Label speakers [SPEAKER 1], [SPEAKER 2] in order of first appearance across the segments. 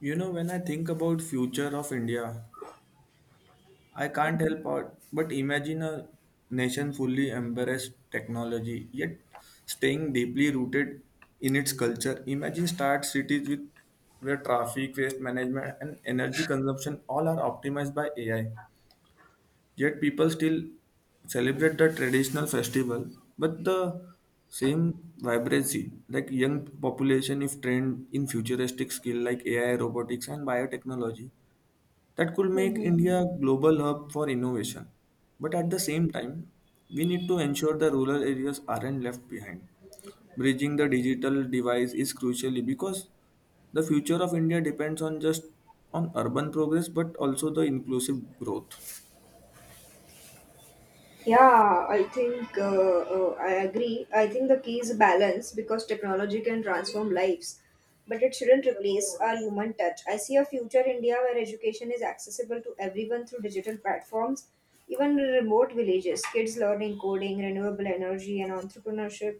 [SPEAKER 1] You know, when I think about future of India, I can't help out but imagine a nation fully embraced technology, yet staying deeply rooted in its culture. Imagine start cities with where traffic, waste management, and energy consumption all are optimized by AI. Yet people still celebrate the traditional festival, but the same vibrancy, like young population if trained in futuristic skill like AI, robotics, and biotechnology that could make
[SPEAKER 2] Hmm.
[SPEAKER 1] India a global hub for innovation. But at the same time, we need to ensure the rural areas aren't left behind. Bridging the digital divide is crucial because the future of India depends on just on urban progress but also the inclusive growth.
[SPEAKER 2] Yeah, I think I agree. I think the key is balance because technology can transform lives, but it shouldn't replace our human touch. I see a future India where education is accessible to everyone through digital platforms, even in remote villages. Kids learning coding, renewable energy, and entrepreneurship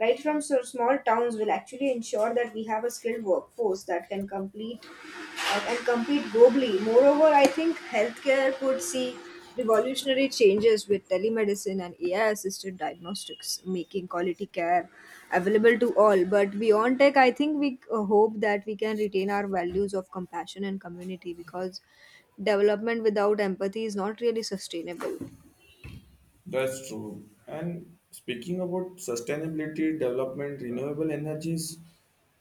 [SPEAKER 2] right from so small towns will actually ensure that we have a skilled workforce that can complete and compete globally. Moreover, I think healthcare could see revolutionary changes with telemedicine and AI assisted diagnostics, making quality care available to all. But beyond tech, I think we hope that we can retain our values of compassion and community because development without empathy is not really sustainable.
[SPEAKER 1] That's true. And speaking about sustainability, development, renewable energy is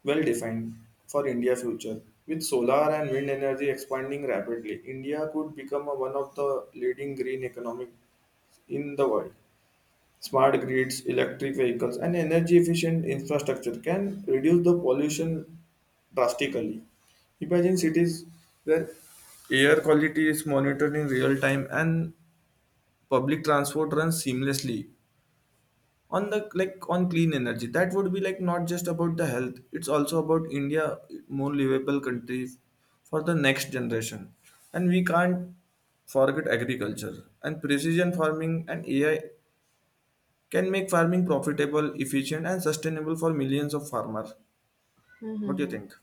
[SPEAKER 1] well defined for India future. With solar and wind energy expanding rapidly, India could become one of the leading green economic in the world. Smart grids, electric vehicles, and energy efficient infrastructure can reduce the pollution drastically. Imagine cities where air quality is monitored in real time and public transport runs seamlessly on the like on clean energy. That would be like not just about the health, it's also about India more livable country for the next generation, and we can't forget agriculture and precision farming, and AI can make farming profitable, efficient, and sustainable for millions of farmers. What do you
[SPEAKER 2] Mm-hmm.
[SPEAKER 1] think?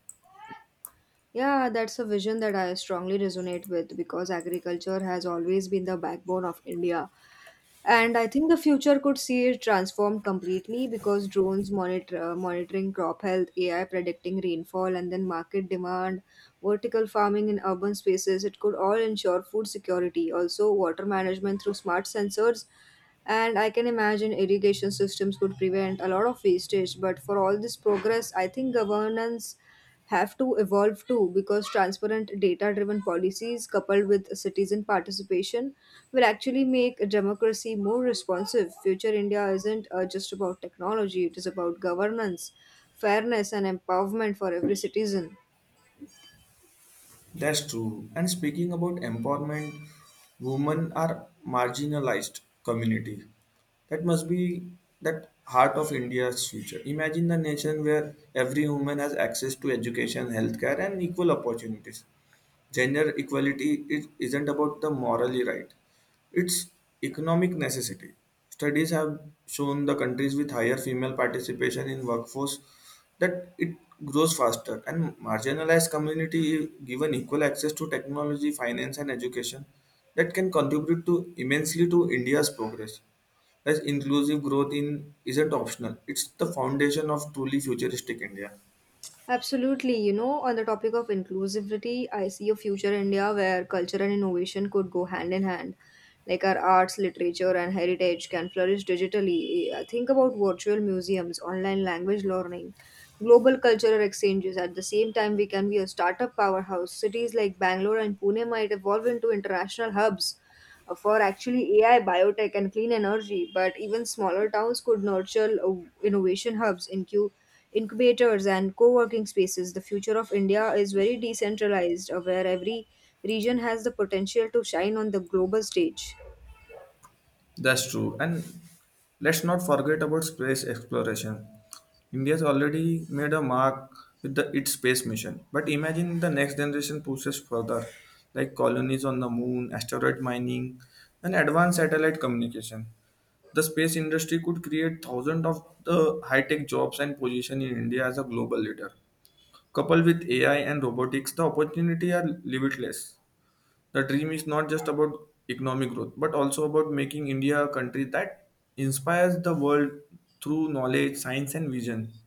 [SPEAKER 2] Yeah, that's a vision that I strongly resonate with because agriculture has always been the backbone of India. And I think the future could see it transformed completely because drones monitoring crop health, AI predicting rainfall, and then market demand, vertical farming in urban spaces. It could all ensure food security, also water management through smart sensors. And I can imagine irrigation systems could prevent a lot of wastage. But for all this progress, I think governance have to evolve too because transparent data driven policies coupled with citizen participation will actually make democracy more responsive. Future India isn't just about technology, it is about governance, fairness, and empowerment for every citizen.
[SPEAKER 1] That's true. And speaking about empowerment, women are marginalized community. That must be that heart of India's future. Imagine the nation where every woman has access to education, healthcare, and equal opportunities. Gender equality isn't about the morally right, it's economic necessity. Studies have shown the countries with higher female participation in workforce that it grows faster, and marginalized community given equal access to technology, finance, and education that can contribute to immensely to India's progress. As inclusive growth in isn't optional, it's the foundation of truly futuristic India.
[SPEAKER 2] Absolutely. You know, on the topic of inclusivity, I see a future India where culture and innovation could go hand in hand. Like our arts, literature, and heritage can flourish digitally. Think about virtual museums, online language learning, global cultural exchanges. At the same time, we can be a startup powerhouse. Cities like Bangalore and Pune might evolve into international hubs for actually AI, biotech, and clean energy. But even smaller towns could nurture innovation hubs in incubators and co-working spaces. The future of India is very decentralized, where every region has the potential to shine on the global stage.
[SPEAKER 1] That's true. And let's not forget about space exploration. India has already made a mark with its space mission. But imagine the next generation pushes further, like colonies on the moon, asteroid mining, and advanced satellite communication. The space industry could create thousands of the high-tech jobs and position in India as a global leader. Coupled with AI and robotics, the opportunity are limitless. The dream is not just about economic growth, but also about making India a country that inspires the world through knowledge, science, and vision.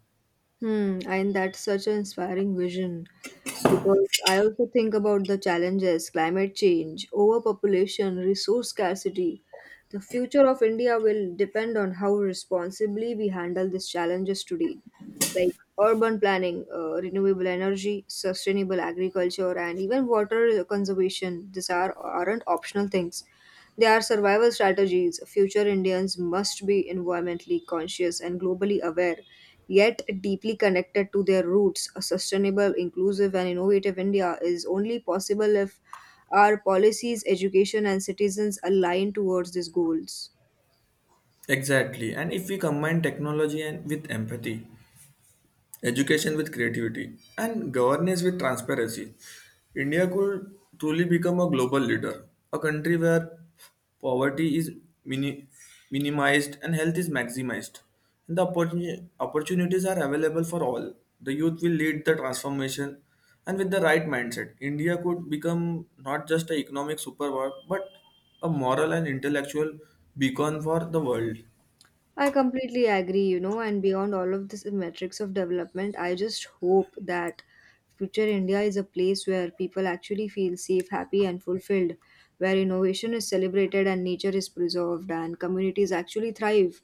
[SPEAKER 2] Hmm, and that's such an inspiring vision because I also think about the challenges: climate change, overpopulation, resource scarcity. The future of India will depend on how responsibly we handle these challenges today. Like urban planning, renewable energy, sustainable agriculture, and even water conservation. These are aren't optional things. They are survival strategies. Future Indians must be environmentally conscious and globally aware, yet deeply connected to their roots. A sustainable, inclusive, and innovative India is only possible if our policies, education, and citizens align towards these goals.
[SPEAKER 1] Exactly. And if we combine technology and with empathy, education with creativity, and governance with transparency, India could truly become a global leader, a country where poverty is mini- minimized and health is maximized. And the opportunities are available for all. The youth will lead the transformation, and with the right mindset, India could become not just an economic superpower but a moral and intellectual beacon for the world.
[SPEAKER 2] I completely agree, you know, and beyond all of this metrics of development, I just hope that future India is a place where people actually feel safe, happy, and fulfilled, where innovation is celebrated and nature is preserved and communities actually thrive,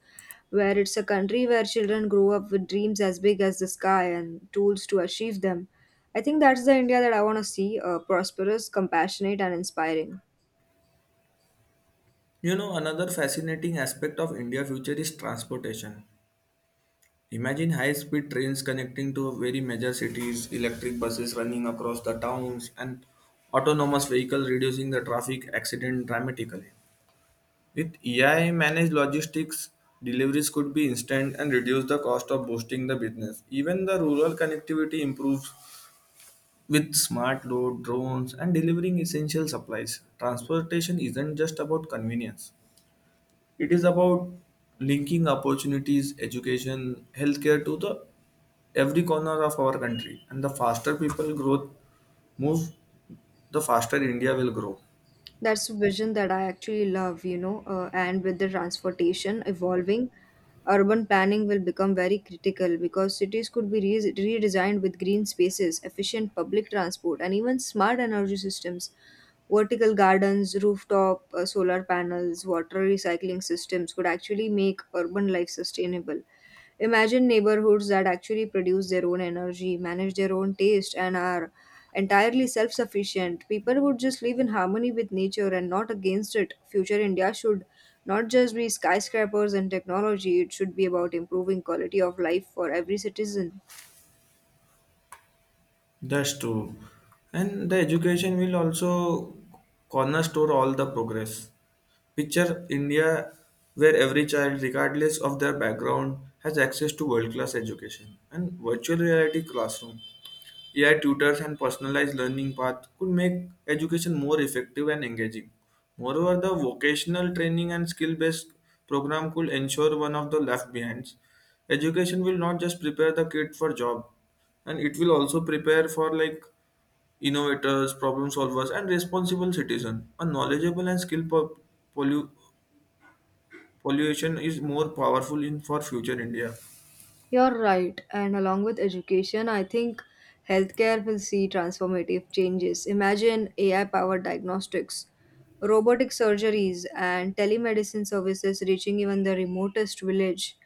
[SPEAKER 2] where it's a country where children grow up with dreams as big as the sky and tools to achieve them. I think that's the India that I want to see, prosperous, compassionate, and inspiring.
[SPEAKER 1] You know, another fascinating aspect of India future is transportation. Imagine high speed trains connecting to very major cities, electric buses running across the towns, and autonomous vehicles reducing the traffic accident dramatically. With AI managed logistics, deliveries could be instant and reduce the cost of boosting the business. Even the rural connectivity improves with smart load, drones, and delivering essential supplies. Transportation isn't just about convenience. It is about linking opportunities, education, healthcare to the every corner of our country. And the faster people growth move, the faster India will grow.
[SPEAKER 2] That's a vision that I actually love, you know, and with the transportation evolving, urban planning will become very critical because cities could be redesigned with green spaces, efficient public transport, and even smart energy systems. Vertical gardens, rooftop solar panels, water recycling systems could actually make urban life sustainable. Imagine neighborhoods that actually produce their own energy, manage their own taste, and are entirely self sufficient. People would just live in harmony with nature and not against it. Future India should not just be skyscrapers and technology, it should be about improving quality of life for every citizen.
[SPEAKER 1] That's true. And the education will also corner store all the progress. Picture India where every child, regardless of their background, has access to world class education and virtual reality classroom. AI tutors and personalized learning paths could make education more effective and engaging. Moreover, the vocational training and skill based program could ensure one of the left behinds. Education will not just prepare the kid for job, and it will also prepare for like innovators, problem solvers, and responsible citizen. A knowledgeable and skilled pollu- pollution is more powerful in for future India.
[SPEAKER 2] You're right, and along with education, I think healthcare will see transformative changes. Imagine AI powered diagnostics, robotic surgeries, and telemedicine services reaching even the remotest village.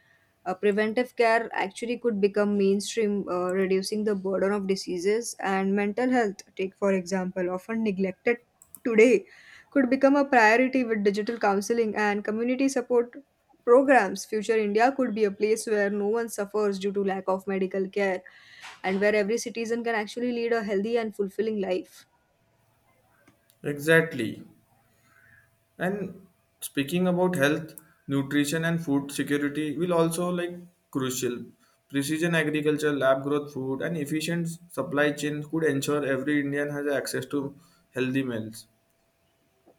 [SPEAKER 2] Preventive care actually could become mainstream, reducing the burden of diseases and mental health. Take, for example, often neglected today, could become a priority with digital counseling and community support programs. Future India could be a place where no one suffers due to lack of medical care and where every citizen can actually lead a healthy and fulfilling life.
[SPEAKER 1] Exactly. And speaking about health, nutrition, and food security will also like crucial. Precision agriculture, lab growth food, and efficient supply chain could ensure every Indian has access to healthy meals.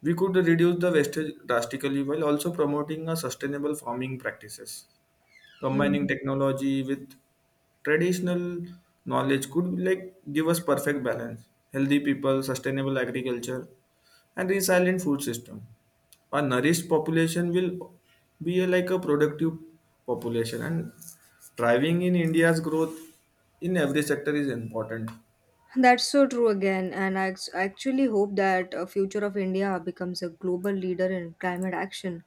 [SPEAKER 1] We could reduce the wastage drastically while also promoting a sustainable farming practices.
[SPEAKER 2] Hmm.
[SPEAKER 1] Combining technology with traditional knowledge could like give us perfect balance. Healthy people, sustainable agriculture, and resilient food system, a nourished population will be a, like a productive population and driving in India's growth in every sector is important.
[SPEAKER 2] That's so true again, and I actually hope that a future of India becomes a global leader in climate action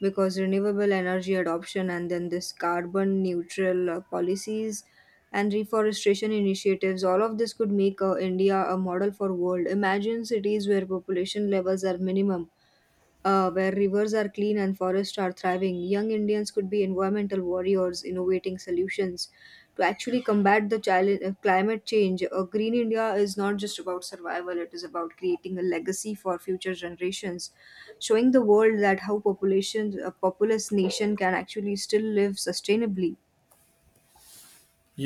[SPEAKER 2] because renewable energy adoption and then this carbon neutral policies and reforestation initiatives, all of this could make India a model for world. Imagine cities where population levels are minimum, where rivers are clean and forests are thriving. Young Indians could be environmental warriors innovating solutions to actually combat the challenge, climate change. A green India is not just about survival, it is about creating a legacy for future generations, showing the world that how a populous nation can actually still live sustainably.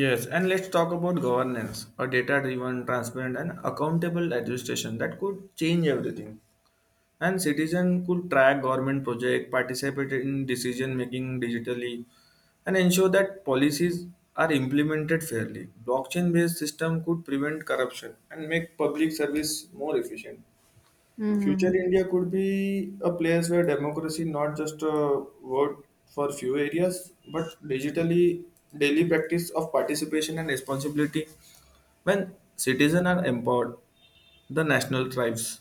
[SPEAKER 1] Yes, and let's talk about governance. A data driven, transparent, and accountable administration that could change everything, and citizen could track government project, participate in decision making digitally, and ensure that policies are implemented fairly. Blockchain based system could prevent corruption and make public service more efficient.
[SPEAKER 2] Hmm.
[SPEAKER 1] Future India could be a place where democracy not just a word for few areas, but digitally daily practice of participation and responsibility. When citizens are empowered, the national thrives.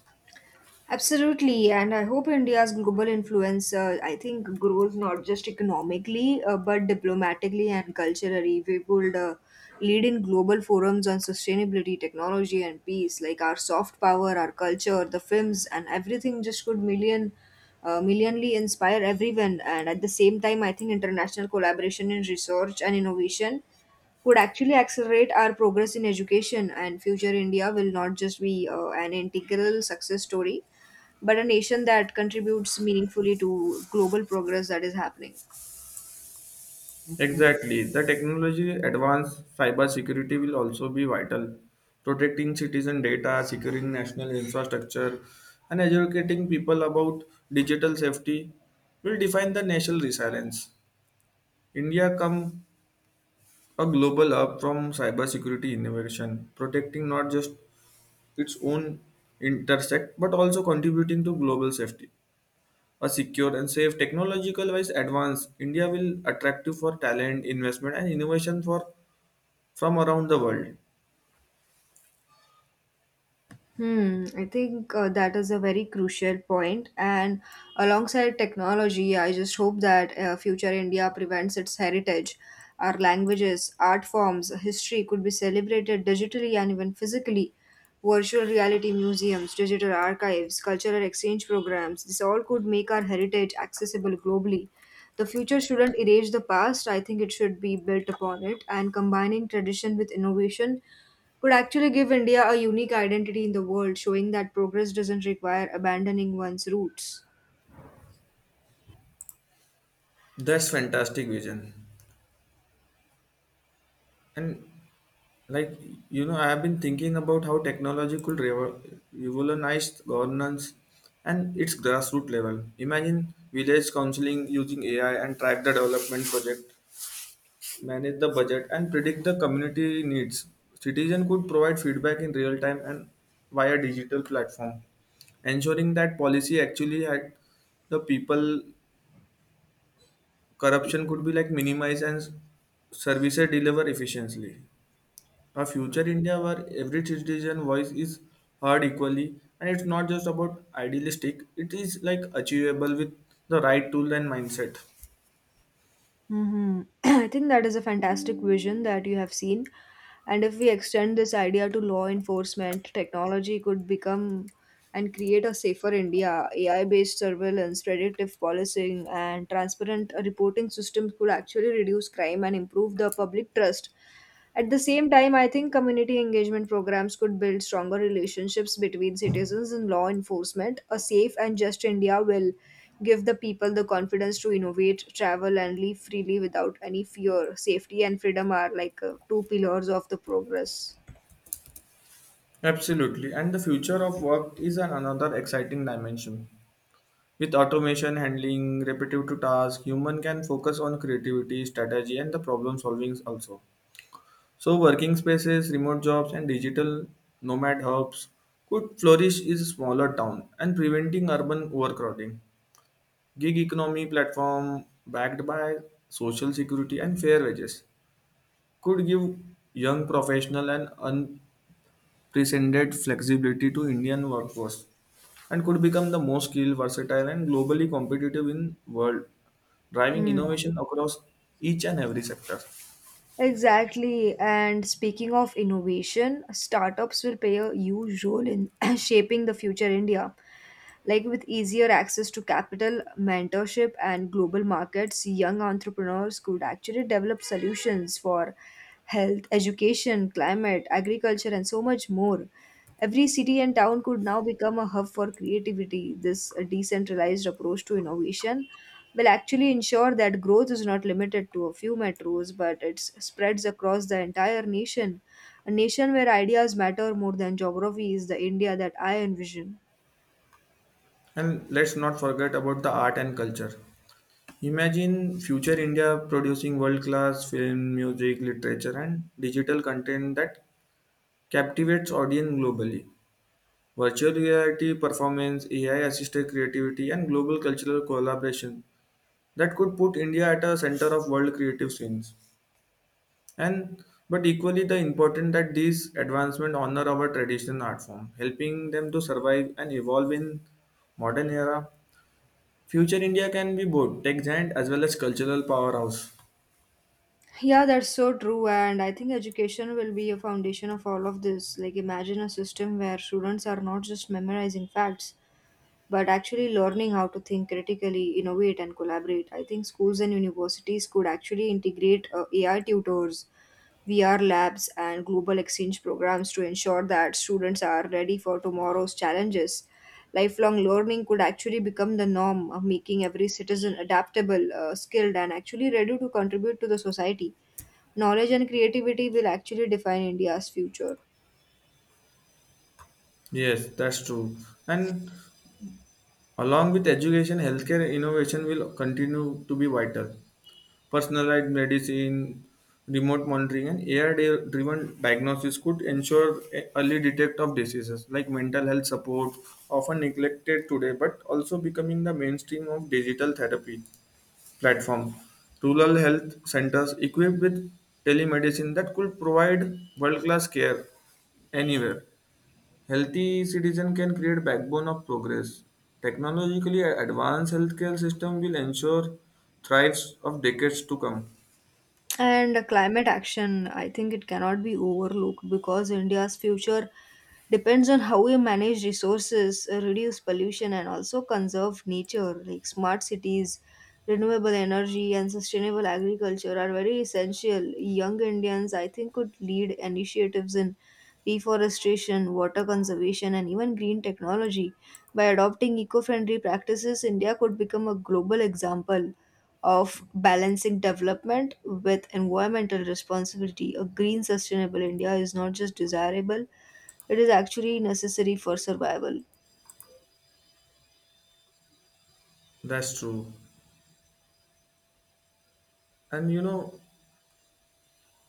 [SPEAKER 2] Absolutely, and I hope India's global influence, I think, grows not just economically but diplomatically and culturally. We would lead in global forums on sustainability, technology, and peace. Like our soft power, our culture, the films, and everything just could millionly inspire everyone. And at the same time, I think international collaboration in research and innovation would actually accelerate our progress in education, and future India will not just be an integral success story, but a nation that contributes meaningfully to global progress that is happening.
[SPEAKER 1] Exactly. The technology advanced cyber security will also be vital. Protecting citizen data, securing national infrastructure, and educating people about digital safety will define the national resilience. India come a global hub from cybersecurity innovation, protecting not just its own intersect but also contributing to global safety. A secure and safe technological wise advance, India will attractive for talent, investment, and innovation for from around the world.
[SPEAKER 2] Hmm, I think that is a very crucial point. And alongside technology, I just hope that future India prevents its heritage. Our languages, art forms, history could be celebrated digitally and even physically. Virtual reality museums, digital archives, cultural exchange programs, this all could make our heritage accessible globally. The future shouldn't erase the past, I think it should be built upon it. And combining tradition with innovation could actually give India a unique identity in the world, showing that progress doesn't require abandoning one's roots.
[SPEAKER 1] That's fantastic vision. And like you know, I have been thinking about how technology could revolutionize governance and its grassroots level. Imagine village counseling using AI and track the development project, manage the budget, and predict the community needs. Citizen could provide feedback in real time and via digital platform, ensuring that policy actually had the people. Corruption could be like minimized and services deliver efficiently. A future India where every citizen voice is heard equally, and it's not just about idealistic. It is like achievable with the right tool and mindset.
[SPEAKER 2] Hmm. I think that is a fantastic vision that you have seen. And if we extend this idea to law enforcement, technology could become and create a safer India. AI based surveillance, predictive policing, and transparent reporting systems could actually reduce crime and improve the public trust. At the same time, I think community engagement programs could build stronger relationships between citizens and law enforcement. A safe and just India will give the people the confidence to innovate, travel, and live freely without any fear. Safety and freedom are like two pillars of the progress.
[SPEAKER 1] Absolutely, and the future of work is an another exciting dimension. With automation handling repetitive tasks, human can focus on creativity, strategy, and the problem solving also. So, working spaces, remote jobs, and digital nomad hubs could flourish in smaller town and preventing urban overcrowding. Gig economy platform backed by social security and fair wages could give young professional and un presented flexibility to Indian workforce and could become the most skilled, versatile, and globally competitive in world, driving
[SPEAKER 2] Hmm.
[SPEAKER 1] innovation across each and every sector.
[SPEAKER 2] Exactly. And speaking of innovation, startups will play a huge role in shaping the future India. Like with easier access to capital, mentorship, and global markets, young entrepreneurs could actually develop solutions for health, education, climate, agriculture, and so much more. Every city and town could now become a hub for creativity. This decentralized approach to innovation will actually ensure that growth is not limited to a few metros, but it spreads across the entire nation. A nation where ideas matter more than geography is the India that I envision.
[SPEAKER 1] And let's not forget about the art and culture. Imagine future India producing world-class film, music, literature, and digital content that captivates audience globally. Virtual reality, performance, AI-assisted creativity, and global cultural collaboration that could put India at a center of world creative scenes. And but equally the important that these advancements honor our traditional art form, helping them to survive and evolve in modern era. Future India can be both tech giant as well as cultural powerhouse.
[SPEAKER 2] Yeah, that's so true. And I think education will be a foundation of all of this. Like, imagine a system where students are not just memorizing facts, but actually learning how to think critically, innovate, and collaborate. I think schools and universities could actually integrate AI tutors, VR labs, and global exchange programs to ensure that students are ready for tomorrow's challenges. Lifelong learning could actually become the norm, making every citizen adaptable, skilled, and actually ready to contribute to the society. Knowledge and creativity will actually define India's future.
[SPEAKER 1] Yes, that's true. And along with education, healthcare innovation will continue to be vital. Personalized medicine, remote monitoring, and AI-driven diagnosis could ensure early detect of diseases like mental health support, often neglected today, but also becoming the mainstream of digital therapy platform. Rural health centers equipped with telemedicine that could provide world-class care anywhere. Healthy citizen can create backbone of progress. Technologically advanced healthcare system will ensure thrives of decades to come.
[SPEAKER 2] And climate action, I think it cannot be overlooked because India's future depends on how we manage resources, reduce pollution, and also conserve nature. Like smart cities, renewable energy, and sustainable agriculture are very essential. Young Indians, I think, could lead initiatives in reforestation, water conservation, and even green technology. By adopting eco friendly practices, India could become a global example of balancing development with environmental responsibility. A green, sustainable India is not just desirable, it is actually necessary for survival.
[SPEAKER 1] That's true. And you know,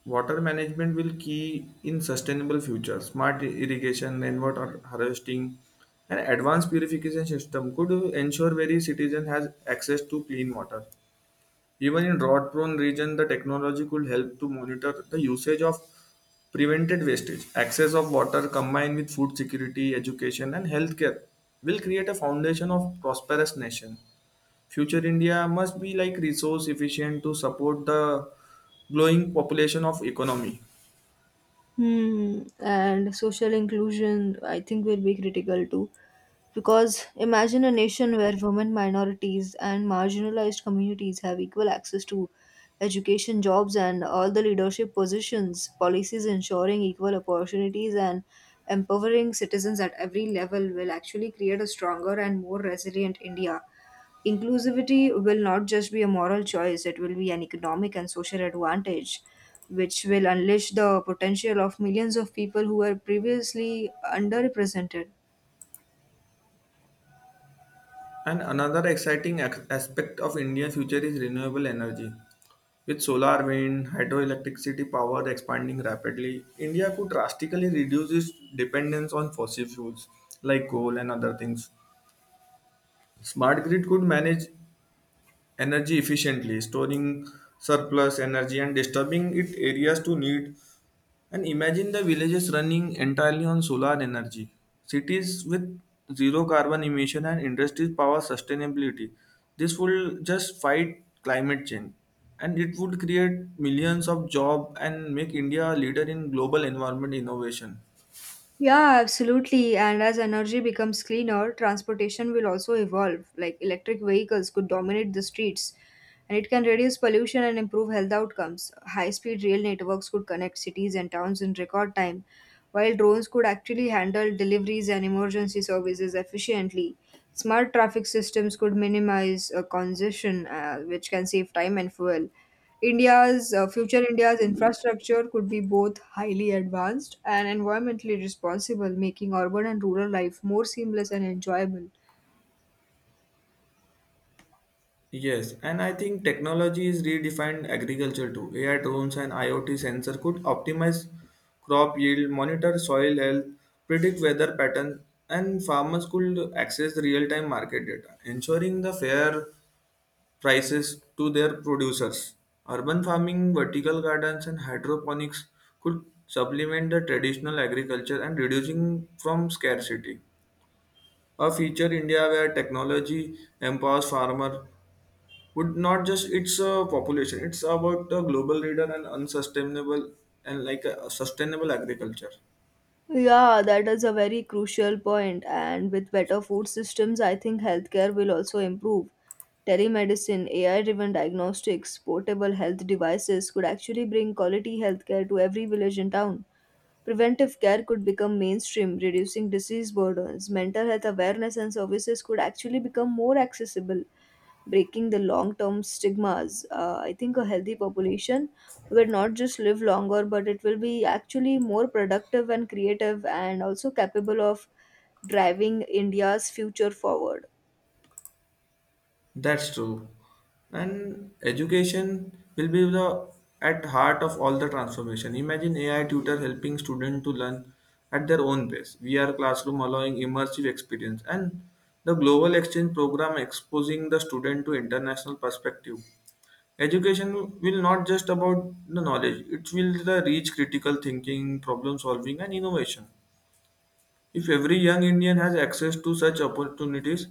[SPEAKER 1] water management will key in sustainable future. Smart irrigation, rainwater harvesting, and advanced purification system could ensure every citizen has access to clean water. Even in drought-prone region, the technology could help to monitor the usage of prevented wastage. Access of water combined with food security, education, and healthcare will create a foundation of prosperous nation. Future India must be like resource efficient to support the growing population of economy.
[SPEAKER 2] Hmm. And social inclusion, I think, will be critical too. Because imagine a nation where women, minorities, and marginalized communities have equal access to education, jobs, and all the leadership positions, policies ensuring equal opportunities and empowering citizens at every level will actually create a stronger and more resilient India. Inclusivity will not just be a moral choice, it will be an economic and social advantage, which will unleash the potential of millions of people who were previously underrepresented.
[SPEAKER 1] And another exciting aspect of Indian future is renewable energy. With solar, wind, hydroelectricity power expanding rapidly, India could drastically reduce its dependence on fossil fuels like coal and other things. Smart grid could manage energy efficiently, storing surplus energy and disturbing it areas to need. And imagine the villages running entirely on solar energy, cities with zero carbon emission, and industries power sustainability. This will just fight climate change and it would create millions of jobs and make India a leader in global environment innovation.
[SPEAKER 2] Yeah, absolutely. And as energy becomes cleaner, transportation will also evolve. Like electric vehicles could dominate the streets and it can reduce pollution and improve health outcomes. High speed rail networks could connect cities and towns in record time, while drones could actually handle deliveries and emergency services efficiently. Smart traffic systems could minimize congestion, which can save time and fuel. India's future India's infrastructure could be both highly advanced and environmentally responsible, making urban and rural life more seamless and enjoyable.
[SPEAKER 1] Yes, and I think technology is redefined agriculture too. AI drones and IoT sensor could optimize crop yield, monitor soil health, predict weather pattern, and farmers could access the real-time market data, ensuring the fair prices to their producers. Urban farming, vertical gardens, and hydroponics could supplement the traditional agriculture and reducing from scarcity. A future India where technology empowers farmer would not just its population, it's about the global leader and unsustainable and like a sustainable agriculture.
[SPEAKER 2] Yeah, that is a very crucial point. And with better food systems, I think healthcare will also improve. Telemedicine, AI driven diagnostics, portable health devices could actually bring quality healthcare to every village and town. Preventive care could become mainstream, reducing disease burdens. Mental health awareness and services could actually become more accessible, breaking the long term stigmas. I think a healthy population will not just live longer, but it will be actually more productive and creative and also capable of driving India's future forward.
[SPEAKER 1] That's true. And education will be the at heart of all the transformation. Imagine AI tutor helping students to learn at their own pace, VR classroom allowing immersive experience, and the global exchange program exposing the student to international perspective. Education will not just about the knowledge, it will the reach critical thinking, problem solving, and innovation. If every young Indian has access to such opportunities,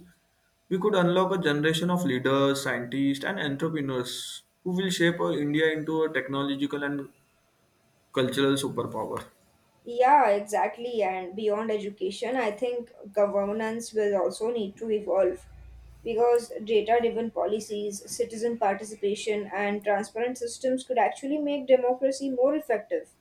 [SPEAKER 1] we could unlock a generation of leaders, scientists, and entrepreneurs who will shape our India into a technological and cultural superpower.
[SPEAKER 2] Yeah, exactly. And beyond education, I think governance will also need to evolve because data driven policies, citizen participation, and transparent systems could actually make democracy more effective.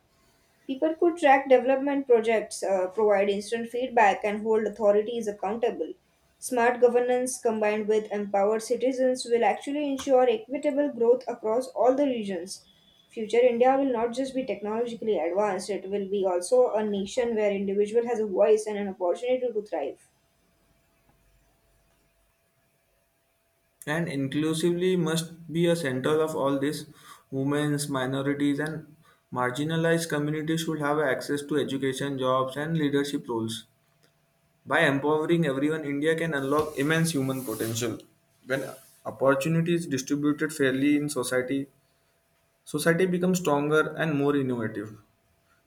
[SPEAKER 2] People could track development projects, provide instant feedback, and hold authorities accountable. Smart governance combined with empowered citizens will actually ensure equitable growth across all the regions. Future India will not just be technologically advanced, it will be also a nation where individual has a voice and an opportunity to thrive.
[SPEAKER 1] And inclusively must be a center of all this. Women's, minorities, and marginalized communities should have access to education, jobs, and leadership roles. By empowering everyone, India can unlock immense human potential. When opportunity is distributed fairly in society, society becomes stronger and more innovative.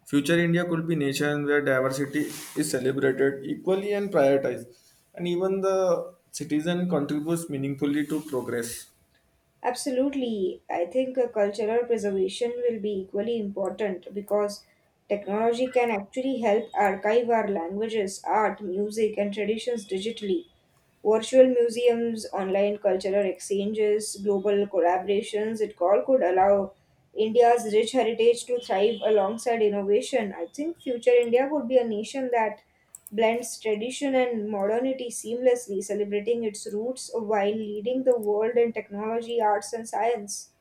[SPEAKER 1] Future India could be nation where diversity is celebrated equally and prioritized, and even the citizen contributes meaningfully to progress.
[SPEAKER 2] Absolutely. I think cultural preservation will be equally important because technology can actually help archive our languages, art, music, and traditions digitally. Virtual museums, online cultural exchanges, global collaborations, it all could allow India's rich heritage to thrive alongside innovation. I think future India would be a nation that blends tradition and modernity seamlessly, celebrating its roots while leading the world in technology, arts, and science.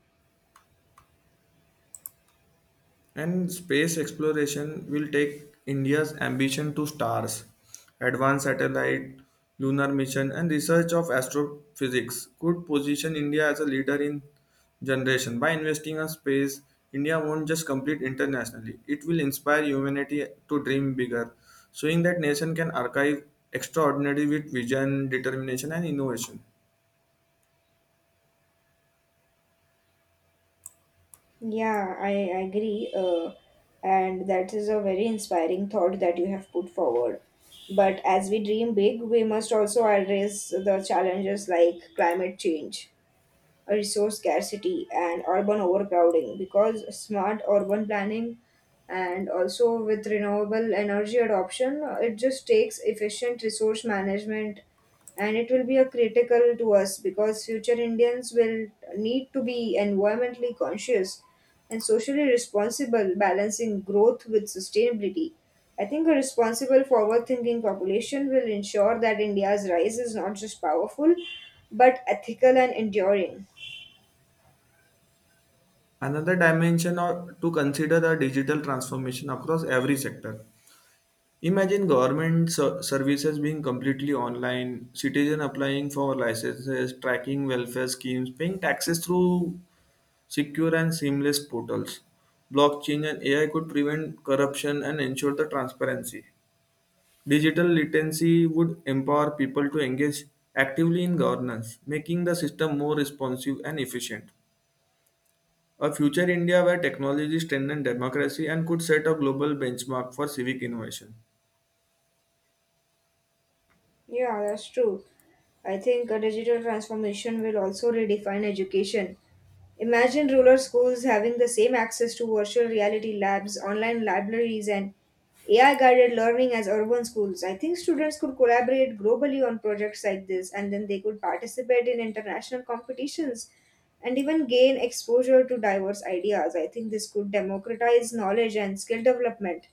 [SPEAKER 1] And space exploration will take India's ambition to stars. Advanced satellite, lunar mission, and research of astrophysics could position India as a leader in generation. By investing in space, India won't just compete internationally, it will inspire humanity to dream bigger, showing that nation can archive extraordinary with vision, determination, and innovation.
[SPEAKER 2] Yeah, I agree. And that is a very inspiring thought that you have put forward. But as we dream big, we must also address the challenges like climate change, resource scarcity and urban overcrowding, because smart urban planning and also with renewable energy adoption it just takes efficient resource management, and it will be a critical to us because future indians will need to be environmentally conscious and socially responsible, balancing growth with sustainability. I think a responsible forward thinking population will ensure that india's rise is not just powerful but ethical and enduring.
[SPEAKER 1] Another dimension or to consider the digital transformation across every sector. Imagine government services being completely online, citizen applying for licenses, tracking welfare schemes, paying taxes through secure and seamless portals. Blockchain and AI could prevent corruption and ensure the transparency. Digital literacy would empower people to engage actively in governance, making the system more responsive and efficient. A future India where technology strengthens democracy and could set a global benchmark for civic innovation.
[SPEAKER 2] Yeah, that's true. I think a digital transformation will also redefine education. Imagine rural schools having the same access to virtual reality labs, online libraries, and AI guided learning as urban schools. I think students could collaborate globally on projects like this and then they could participate in international competitions and even gain exposure to diverse ideas. I think this could democratize knowledge and skill development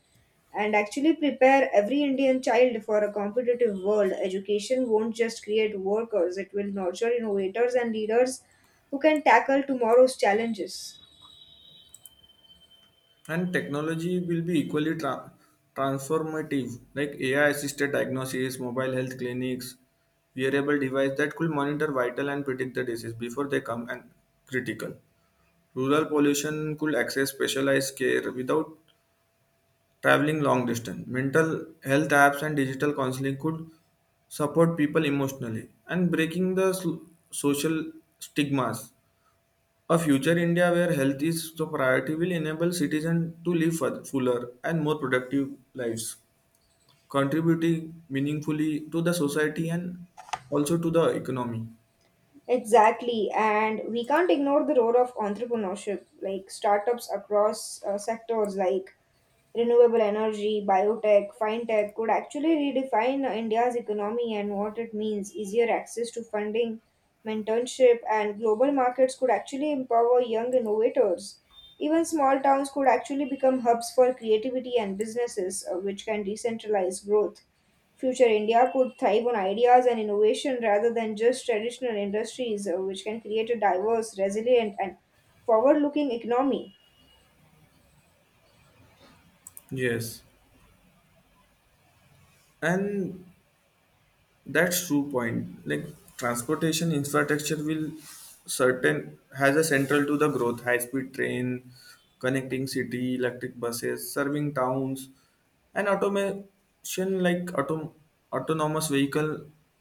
[SPEAKER 2] and actually prepare every Indian child for a competitive world. Education won't just create workers, it will nurture innovators and leaders who can tackle tomorrow's challenges.
[SPEAKER 1] And technology will be equally transformative, like AI assisted diagnosis, mobile health clinics, wearable device that could monitor vital and predict the disease before they come, and critical rural population could access specialized care without traveling long distance. Mental health apps and digital counseling could support people emotionally and breaking the social stigmas. A future India where health is the priority will enable citizens to live fuller and more productive lives, contributing meaningfully to the society and also to the economy.
[SPEAKER 2] Exactly, and we can't ignore the role of entrepreneurship, like startups across sectors like renewable energy, biotech, fintech could actually redefine India's economy and what it means. Easier access to funding, mentorship, and global markets could actually empower young innovators. Even small towns could actually become hubs for creativity and businesses, which can decentralize growth. Future India could thrive on ideas and innovation rather than just traditional industries, which can create a diverse, resilient, and forward looking economy.
[SPEAKER 1] Yes, and that's true point. Like transportation infrastructure will certain has a central to the growth, high speed train, connecting city, electric buses, serving towns, and automation like autonomous vehicle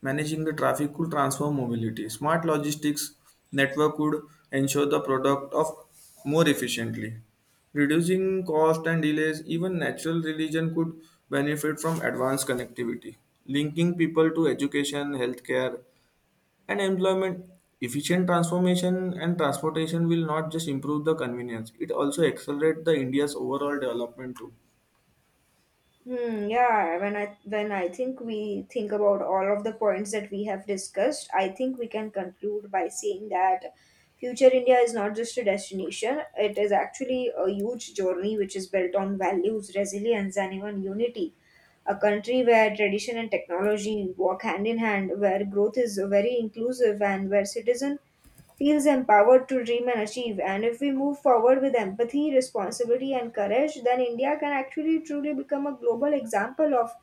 [SPEAKER 1] managing the traffic could transform mobility. Smart logistics network could ensure the product of more efficiently, reducing cost and delays. Even natural religion could benefit from advanced connectivity, linking people to education, healthcare, and employment. Efficient transformation and transportation will not just improve the convenience; it also accelerate the India's overall development too.
[SPEAKER 2] Hmm, yeah, when I think we think about all of the points that we have discussed, I think we can conclude by saying that future India is not just a destination, it is actually a huge journey which is built on values, resilience, and even unity. A country where tradition and technology walk hand in hand, where growth is very inclusive, and where citizens feels empowered to dream and achieve. And if we move forward with empathy, responsibility, and courage, then India can actually truly become a global example of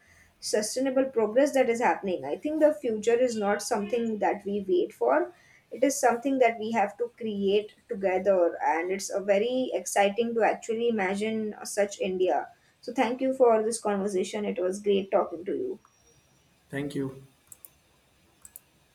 [SPEAKER 2] sustainable progress that is happening. I think the future is not something that we wait for. It is something that we have to create together, and it's a very exciting to actually imagine such India. So, thank you for this conversation. It was great talking to you.
[SPEAKER 1] Thank you.